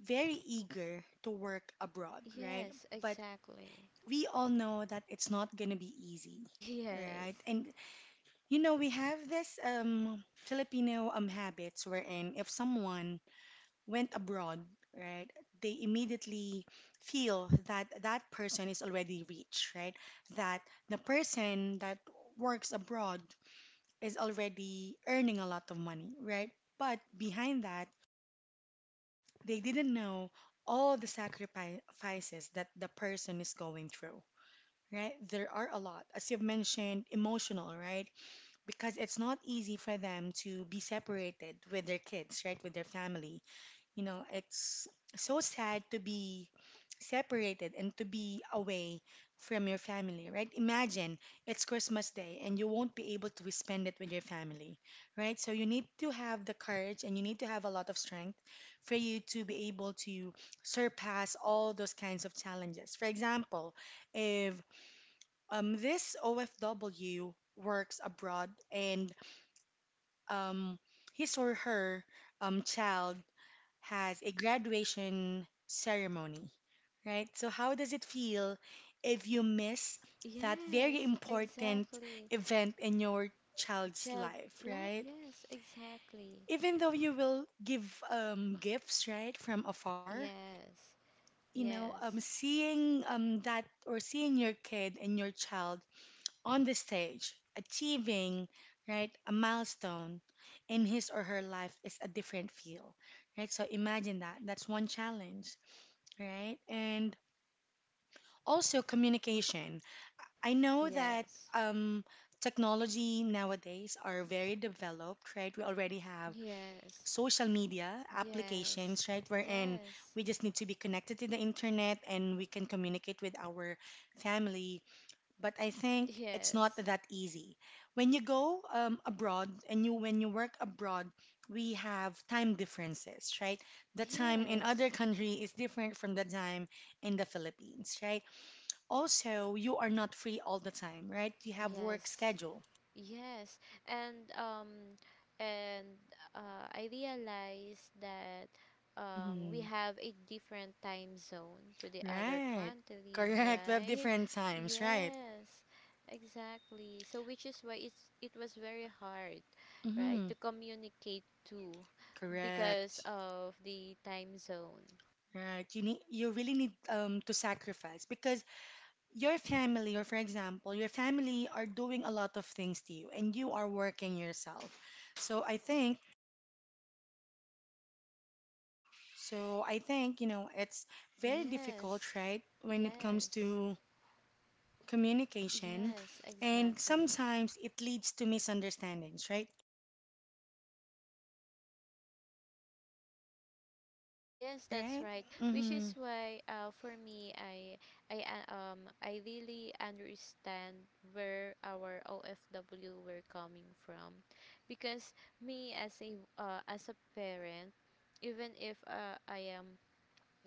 Speaker 1: very eager to work abroad, right?
Speaker 2: Yes,
Speaker 1: But
Speaker 2: exactly.
Speaker 1: we all know that it's not gonna be easy, right?
Speaker 2: Yes.
Speaker 1: And you know, we have this Filipino habits wherein if someone went abroad, right, they immediately feel that that person is already rich, right? That the person that works abroad is already earning a lot of money, right? But behind that, they didn't know all the sacrifices that the person is going through, right? There are a lot, as you've mentioned, emotional, right? Because it's not easy for them to be separated with their kids, right? With their family. You know, it's so sad to be separated and to be away from your family, right? Imagine it's Christmas Day and you won't be able to spend it with your family, right? So you need to have the courage and you need to have a lot of strength for you to be able to surpass all those kinds of challenges. For example, if this OFW works abroad and um, his or her child has a graduation ceremony, right? So, how does it feel if you miss that very
Speaker 2: Yes,
Speaker 1: important
Speaker 2: exactly.
Speaker 1: event in your child's
Speaker 2: Child,
Speaker 1: life,
Speaker 2: like,
Speaker 1: right?
Speaker 2: yes, exactly.
Speaker 1: Even though you will give gifts, right, from afar,
Speaker 2: Yes.
Speaker 1: you know,
Speaker 2: Yes.
Speaker 1: seeing that or seeing your kid and your child on the stage, achieving right a milestone in his or her life is a different feel, right? So imagine that. That's one challenge, right? And also communication. I know that
Speaker 2: Yes.
Speaker 1: um, technology nowadays are very developed, right? We already have
Speaker 2: Yes.
Speaker 1: social media
Speaker 2: Yes.
Speaker 1: applications, right? Wherein
Speaker 2: Yes.
Speaker 1: we just need to be connected to the internet and we can communicate with our family, but I think it's not
Speaker 2: Yes.
Speaker 1: that easy. When you go abroad and you when you work abroad, we have time differences, right? The time in other
Speaker 2: Yes.
Speaker 1: country is different from the time in the Philippines, right? Also, you are not free all the time, right? You have work
Speaker 2: Yes.
Speaker 1: schedule.
Speaker 2: Yes. And and I realized that we
Speaker 1: Hmm.
Speaker 2: have a different time zone to the other
Speaker 1: Right.
Speaker 2: country,
Speaker 1: Correct. We have
Speaker 2: right?
Speaker 1: different times, right?
Speaker 2: Yes. Exactly. So which is why it was very hard, right,
Speaker 1: Hmm.
Speaker 2: to communicate to because
Speaker 1: Correct.
Speaker 2: of the time zone.
Speaker 1: Right. You need you really need to sacrifice because your family, or for example, your family are doing a lot of things to you and you are working yourself. So I think, so I think, you know, it's very
Speaker 2: Yes.
Speaker 1: difficult, right, when it comes
Speaker 2: Yes.
Speaker 1: to communication.
Speaker 2: Yes,
Speaker 1: And
Speaker 2: exactly.
Speaker 1: sometimes it leads to misunderstandings, right?
Speaker 2: Yes, that's
Speaker 1: Right?
Speaker 2: right. Which
Speaker 1: Mm-hmm.
Speaker 2: is why, for me, I really understand where our OFW were coming from, because me as as a parent, even if I am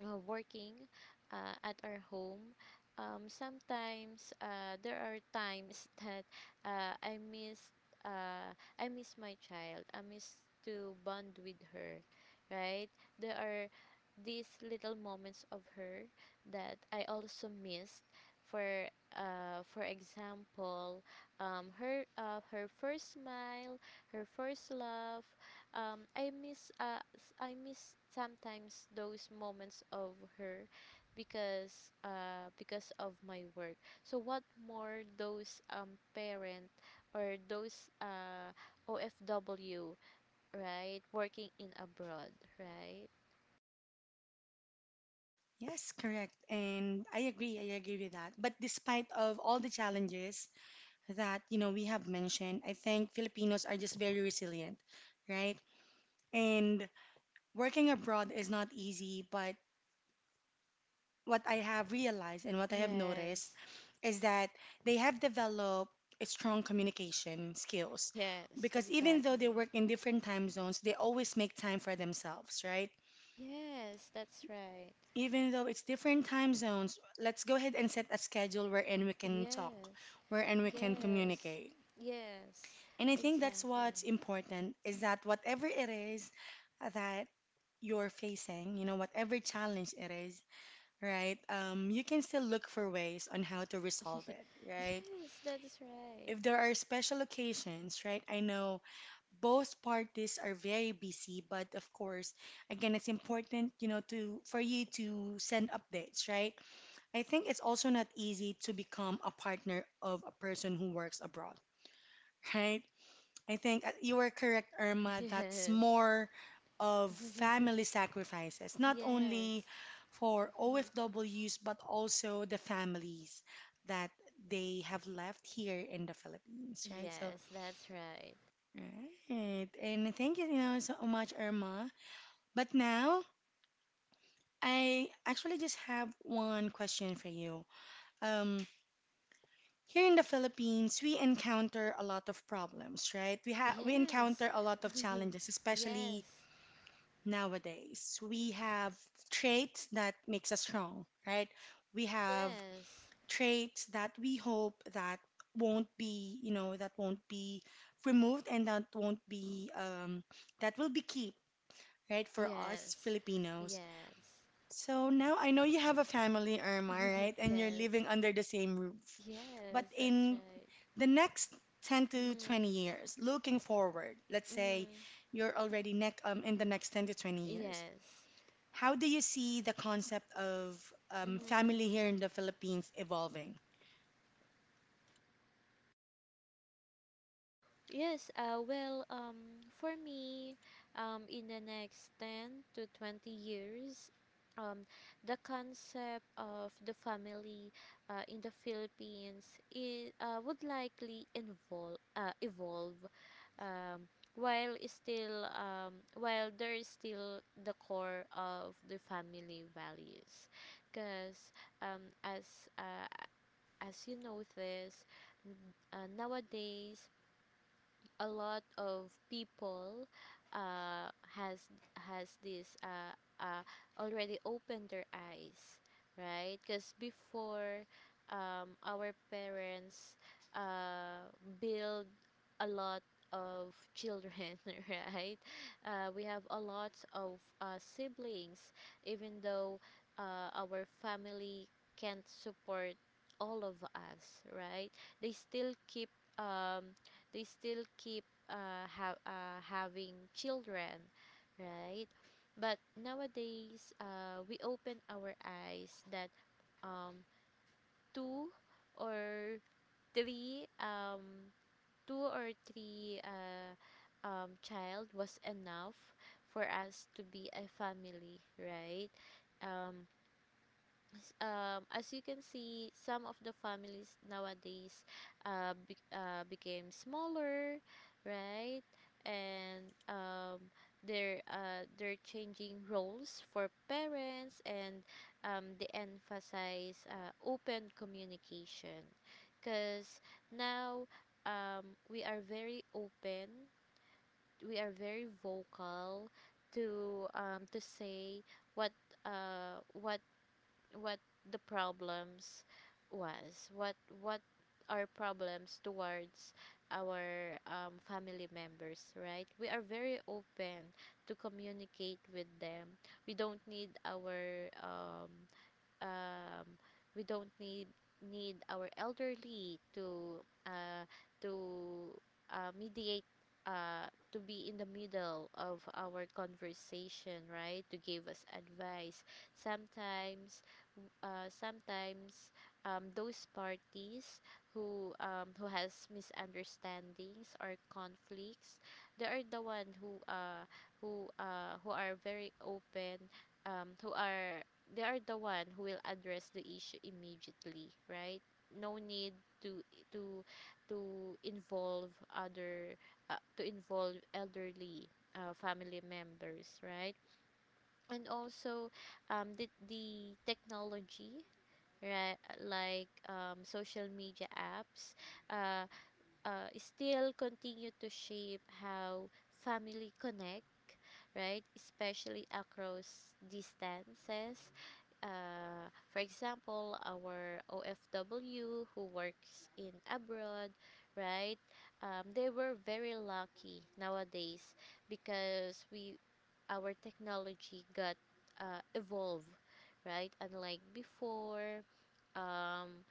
Speaker 2: working at our home, sometimes there are times that uh, I miss, uh, I miss my child. I miss to bond with her, right? There are these little moments of her that I also missed. For example, her first smile, her first laugh. I miss I miss sometimes those moments of her because of my work. So what more those parent or those OFW, right, working in abroad, right?
Speaker 1: Yes, correct. And I agree with that. But despite of all the challenges that, you know, we have mentioned, I think Filipinos are just very resilient, right? And working abroad is not easy, but what I have realized and what I have noticed
Speaker 2: Yes.
Speaker 1: is that they have developed a strong communication skills
Speaker 2: Yes,
Speaker 1: because even though they
Speaker 2: exactly.
Speaker 1: work in different time zones, they always make time for themselves, right?
Speaker 2: Yes, that's right.
Speaker 1: Even though it's different time zones, let's go ahead and set a schedule wherein we can talk,
Speaker 2: Yes.
Speaker 1: wherein we can
Speaker 2: Yes.
Speaker 1: communicate.
Speaker 2: Yes.
Speaker 1: And I think that's
Speaker 2: Exactly.
Speaker 1: what's important is that whatever it is that you're facing, you know, whatever challenge it is, right? You can still look for ways on how to resolve it, right?
Speaker 2: Yes, that's right.
Speaker 1: If there are special occasions, right? I know both parties are very busy, but of course, again, it's important, you know, to for you to send updates, right? I think it's also not easy to become a partner of a person who works abroad. Right? I think you are correct, Irma. That's
Speaker 2: Yes.
Speaker 1: more of family sacrifices, not only
Speaker 2: Yes.
Speaker 1: for OFWs, but also the families that they have left here in the Philippines, right? So,
Speaker 2: Yes, that's right.
Speaker 1: right. And thank you, you know, so much, Irma. But now, I actually just have one question for you. Um, here in the Philippines, we encounter a lot of problems, right? We have we encounter
Speaker 2: Yes.
Speaker 1: a lot of challenges, especially
Speaker 2: Yes.
Speaker 1: nowadays. We have traits that makes us strong, right? We have
Speaker 2: Yes.
Speaker 1: traits that we hope that won't be, you know, that won't be removed and that won't be, that will be keep, right, for us
Speaker 2: Yes.
Speaker 1: Filipinos.
Speaker 2: Yes.
Speaker 1: So now I know you have a family, Irma, right? And you're
Speaker 2: Yes.
Speaker 1: living under the same roof. But
Speaker 2: Yes, that's
Speaker 1: in
Speaker 2: right.
Speaker 1: the next 10 to 20
Speaker 2: Mhm.
Speaker 1: years, looking forward, let's say
Speaker 2: Mhm.
Speaker 1: you're already neck in the next 10 to 20 years
Speaker 2: Yes.
Speaker 1: how do you see the concept of family
Speaker 2: Mm-hmm.
Speaker 1: here in the Philippines evolving?
Speaker 2: Yes, well, for me, in the next 10 to 20 years, um, the concept of the family in the Philippines I would likely evolve, while there is still the core of the family values, because um, as uh, as you notice, nowadays a lot of people uh, has has this uh, already opened their eyes, right? Because before, our parents uh, build a lot of children, right? We have a lot of siblings, even though our family can't support all of us, right? They still keep um, they still keep having children, right? But nowadays, we open our eyes that um, two or three um, two or three child was enough for us to be a family, right? Um, as you can see, some of the families nowadays became smaller, right? And they're changing roles for parents, and they emphasize open communication, because now we are very open, we are very vocal to say what uh, what what the problems was, what our problems towards our family members, right? We are very open to communicate with them. We don't need our um, we don't need need our elderly to uh, to mediate, uh, to be in the middle of our conversation, right, to give us advice. Sometimes sometimes those parties who has misunderstandings or conflicts, they are the one who who are very open who are they are the one who will address the issue immediately, right? No need to to to involve other to involve elderly family members, right? And also the technology, right, like social media apps, uh, still continue to shape how family connect, right, especially across distances. For example, our OFW who works in abroad, right? They were very lucky nowadays because we our technology got evolved, right? Unlike before, um,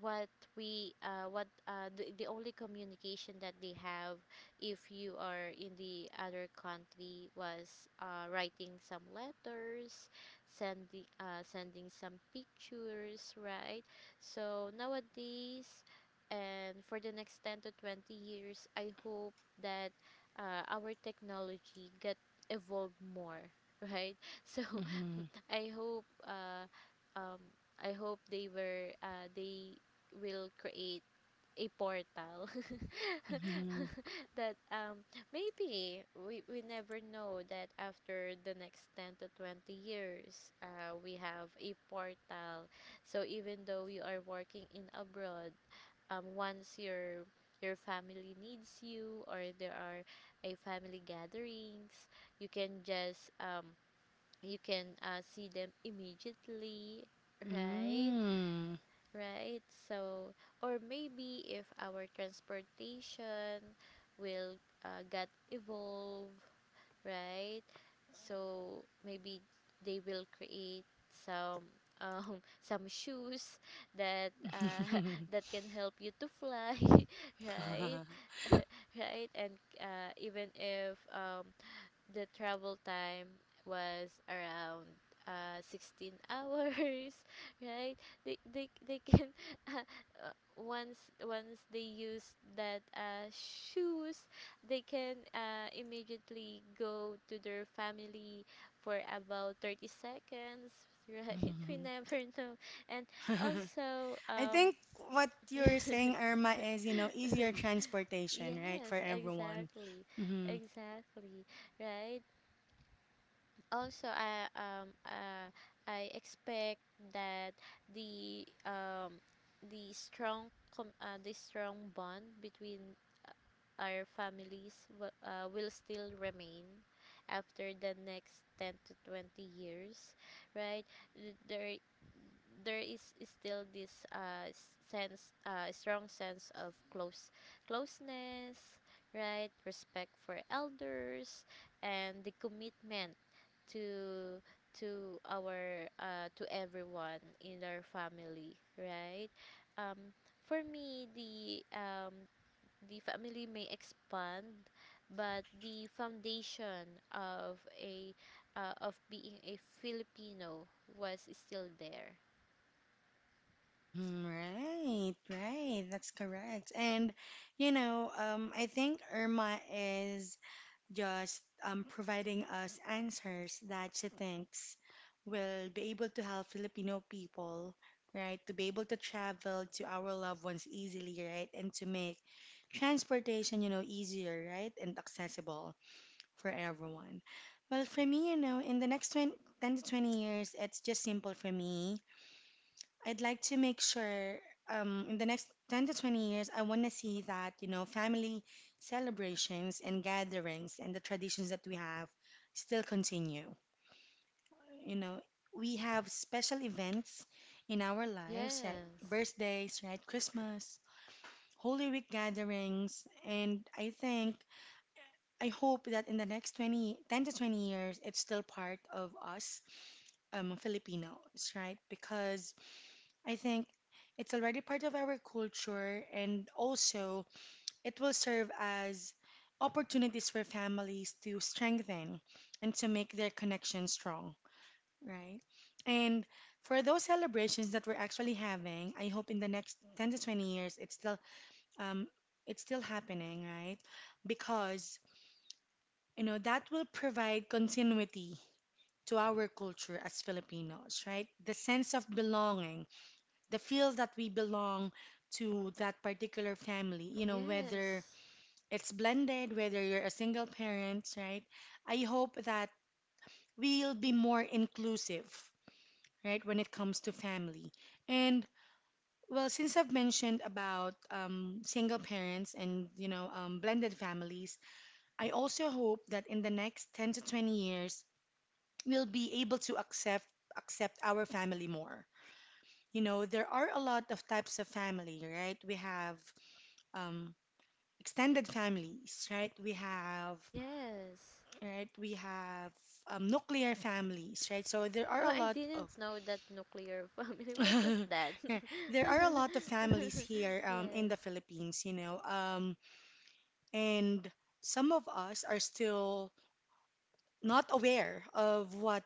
Speaker 2: what we what the only communication that they have, if you are in the other country, was writing some letters, sending sending some pictures, right? So nowadays and for the next 10 to 20 years, I hope that our technology get evolved more, right? So
Speaker 1: Mm-hmm.
Speaker 2: I hope uh, um, I hope they will create a portal
Speaker 1: Mm-hmm.
Speaker 2: that maybe we never know that after the next 10 to 20 years we have a portal, so even though you are working in abroad, once your family needs you or there are a family gatherings, you can just you can see them immediately, right?
Speaker 1: Mm.
Speaker 2: Right. So or maybe if our transportation will get evolve, right? So maybe they will create some some shoes that that can help you to fly. Right. Right. And even if the travel time was around 16 hours, right? They can uh, uh, once they use that shoes, they can immediately go to their family for about 30 seconds. Right, we
Speaker 1: Mhm.
Speaker 2: never know. And also
Speaker 1: I think what you're saying, Irma, is you know easier transportation, right,
Speaker 2: yes,
Speaker 1: for everyone.
Speaker 2: exactly.
Speaker 1: Mhm.
Speaker 2: Exactly, right. Also I expect that the um the the strong bond between our families will still remain after the next 10 to 20 years, right? There there is still this sense, strong sense of closeness, right, respect for elders and the commitment to to our to everyone in our family, right? Um, for me, the family may expand, but the foundation of a of being a Filipino was still there.
Speaker 1: Mhm. Right, right, that's correct. And I think Irma is just providing us answers that she thinks will be able to help Filipino people, right, to be able to travel to our loved ones easily, right, and to make transportation, you know, easier, right, and accessible for everyone. Well, for me, you know, in the next 10 to 20 years, it's just simple for me. I'd like to make sure, in the next 10 to 20 years, I want to see that, you know, family celebrations and gatherings and the traditions that we have still continue. You know, we have special events in our lives, right?
Speaker 2: Yes.
Speaker 1: Birthdays, right? Christmas, Holy Week gatherings. I hope that in the next 20 10 to 20 years, it's still part of us, Filipinos, right? Because I think it's already part of our culture, and also it will serve as opportunities for families to strengthen and to make their connection strong, right? And for those celebrations that we're actually having, I hope in the next 10 to 20 years um it's still happening, right? Because, you know, that will provide continuity to our culture as Filipinos, right? The sense of belonging, the feel that we belong to that particular family, you know, whether
Speaker 2: Yes.
Speaker 1: it's blended, whether you're a single parent, right? I hope that we'll be more inclusive, right, when it comes to family. And, well, since I've mentioned about single parents and, you know, blended families, I also hope that in the next 10 to 20 years, we'll be able to accept our family more. You know, there are a lot of types of family, right? We have, um, extended families, right? We have,
Speaker 2: Yes.
Speaker 1: right? We have nuclear families, right? So there are
Speaker 2: Oh,
Speaker 1: a
Speaker 2: I
Speaker 1: lot
Speaker 2: didn't
Speaker 1: of,
Speaker 2: know that nuclear family. What was that?
Speaker 1: yeah, there are a lot of families here, in
Speaker 2: Yes.
Speaker 1: the Philippines, you know, and some of us are still not aware of what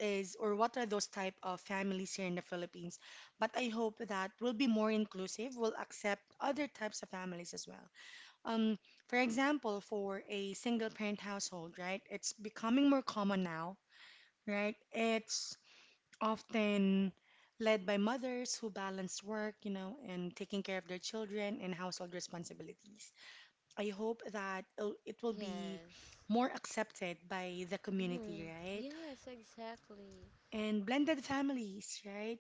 Speaker 1: is or what are those type of families here in the Philippines. But I hope that we'll be more inclusive, we'll accept other types of families as well. Um, for example, for a single parent household, right? It's becoming more common now, right? It's often led by mothers who balance work, you know, and taking care of their children and household responsibilities. I hope that it will be
Speaker 2: Yes.
Speaker 1: more accepted by the community,
Speaker 2: Hmm.
Speaker 1: right?
Speaker 2: Yes, exactly.
Speaker 1: And blended families, right?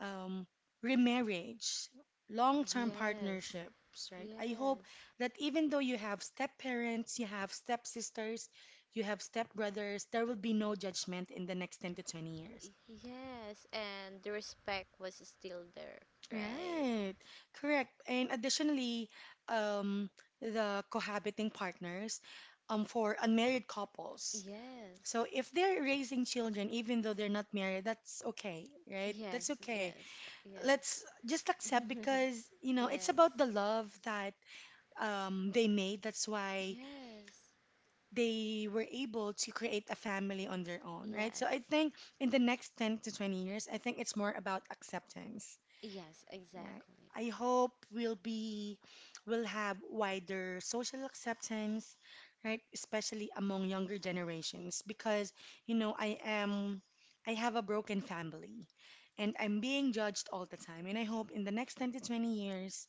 Speaker 1: um, Remarriage, long term
Speaker 2: Yes,
Speaker 1: partnerships, right? I hope
Speaker 2: yes,
Speaker 1: that even though you have step parents, you have step sisters, you have step brothers, there will be no judgment in the next 10 to 20 years.
Speaker 2: yes. And the respect was still there, right?
Speaker 1: Right, correct. And additionally, um, the cohabiting partners, for unmarried couples. So
Speaker 2: Yes,
Speaker 1: if they're raising children, even though they're not married, that's okay, right? That's
Speaker 2: yes,
Speaker 1: okay.
Speaker 2: yes, yes,
Speaker 1: Let's just accept, because, you know, it's
Speaker 2: yes,
Speaker 1: about the love that, they made, that's why
Speaker 2: yes,
Speaker 1: they were able to create a family on their own, right? So
Speaker 2: yes,
Speaker 1: I think in the next 10 to 20 years, I think it's more about acceptance.
Speaker 2: yes,
Speaker 1: Right.
Speaker 2: exactly.
Speaker 1: I hope we'll be, will have wider social acceptance, right? Especially among younger generations, because, you know, I have a broken family, and I'm being judged all the time, and I hope in the next 10 to 20 years,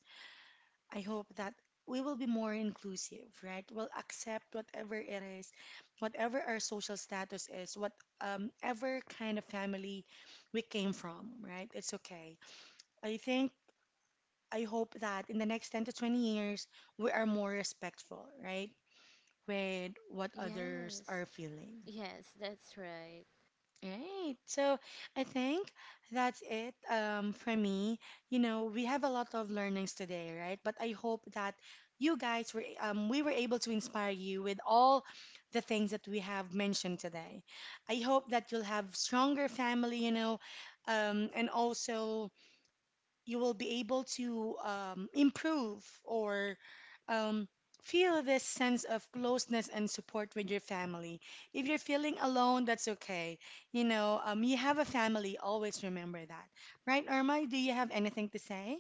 Speaker 1: I hope that we will be more inclusive, right? We'll accept whatever it is, whatever our social status is, what ever kind of family we came from, right? It's okay. I think I hope that in the next 10 to 20 years, we are more respectful, right? With what others
Speaker 2: Yes,
Speaker 1: are feeling.
Speaker 2: yes, that's right.
Speaker 1: Right. So I think that's it, for me. You know, we have a lot of learnings today, right? But I hope that we were able to inspire you with all the things that we have mentioned today. I hope that you'll have stronger family, you know, and also you will be able to improve or, um, feel this sense of closeness and support with your family. If you're feeling alone, that's okay. You know, you have a family. Always remember that, right, Irma? Do you have anything to say?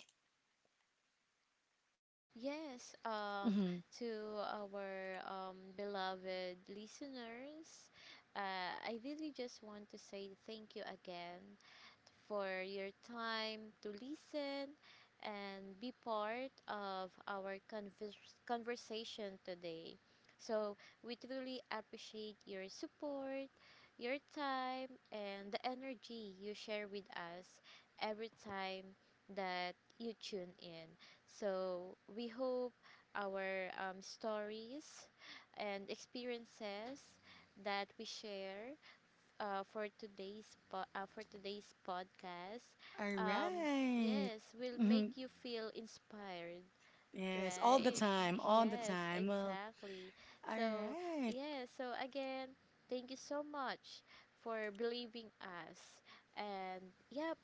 Speaker 2: Yes,
Speaker 1: Mhm.
Speaker 2: to our beloved listeners, I really just want to say thank you again for your time to listen and be part of our conversation today. So we truly appreciate your support, your time, and the energy you share with us every time that you tune in. So we hope our stories and experiences that we share for today's podcast.
Speaker 1: All
Speaker 2: Um,
Speaker 1: right.
Speaker 2: yes, will
Speaker 1: Mhm.
Speaker 2: make you feel inspired,
Speaker 1: Yes, all the
Speaker 2: right?
Speaker 1: time, all the
Speaker 2: Yes,
Speaker 1: time. Well,
Speaker 2: exactly.
Speaker 1: all
Speaker 2: So
Speaker 1: right.
Speaker 2: yes, so again, thank you so much for believing us, and yep.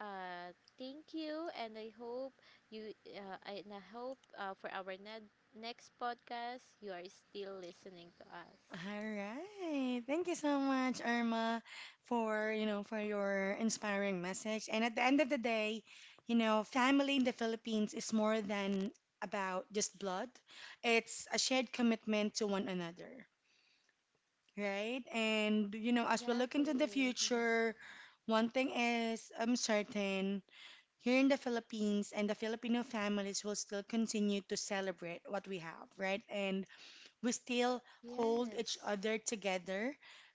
Speaker 2: Thank you, and I hope you. I- and I hope for our next podcast, you are still listening to us.
Speaker 1: All right. Thank you so much, Irma, for, you know, for your inspiring message. And at the end of the day, you know, family in the Philippines is more than about just blood. It's a shared commitment to one another, right? And, you know, as we look into the
Speaker 2: Exactly.
Speaker 1: future, one thing is I'm certain, here in the Philippines and the Filipino families will still continue to celebrate what we have, right? And we still hold each
Speaker 2: Yes.
Speaker 1: other together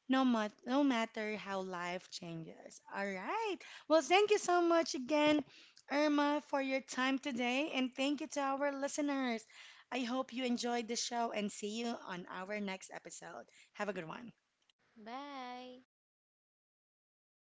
Speaker 1: no matter how life changes. All right. Well, thank you so much again, Irma, for your time today. And thank you to our listeners. I hope you enjoyed the show and see you on our next episode. Have a good one.
Speaker 2: Bye.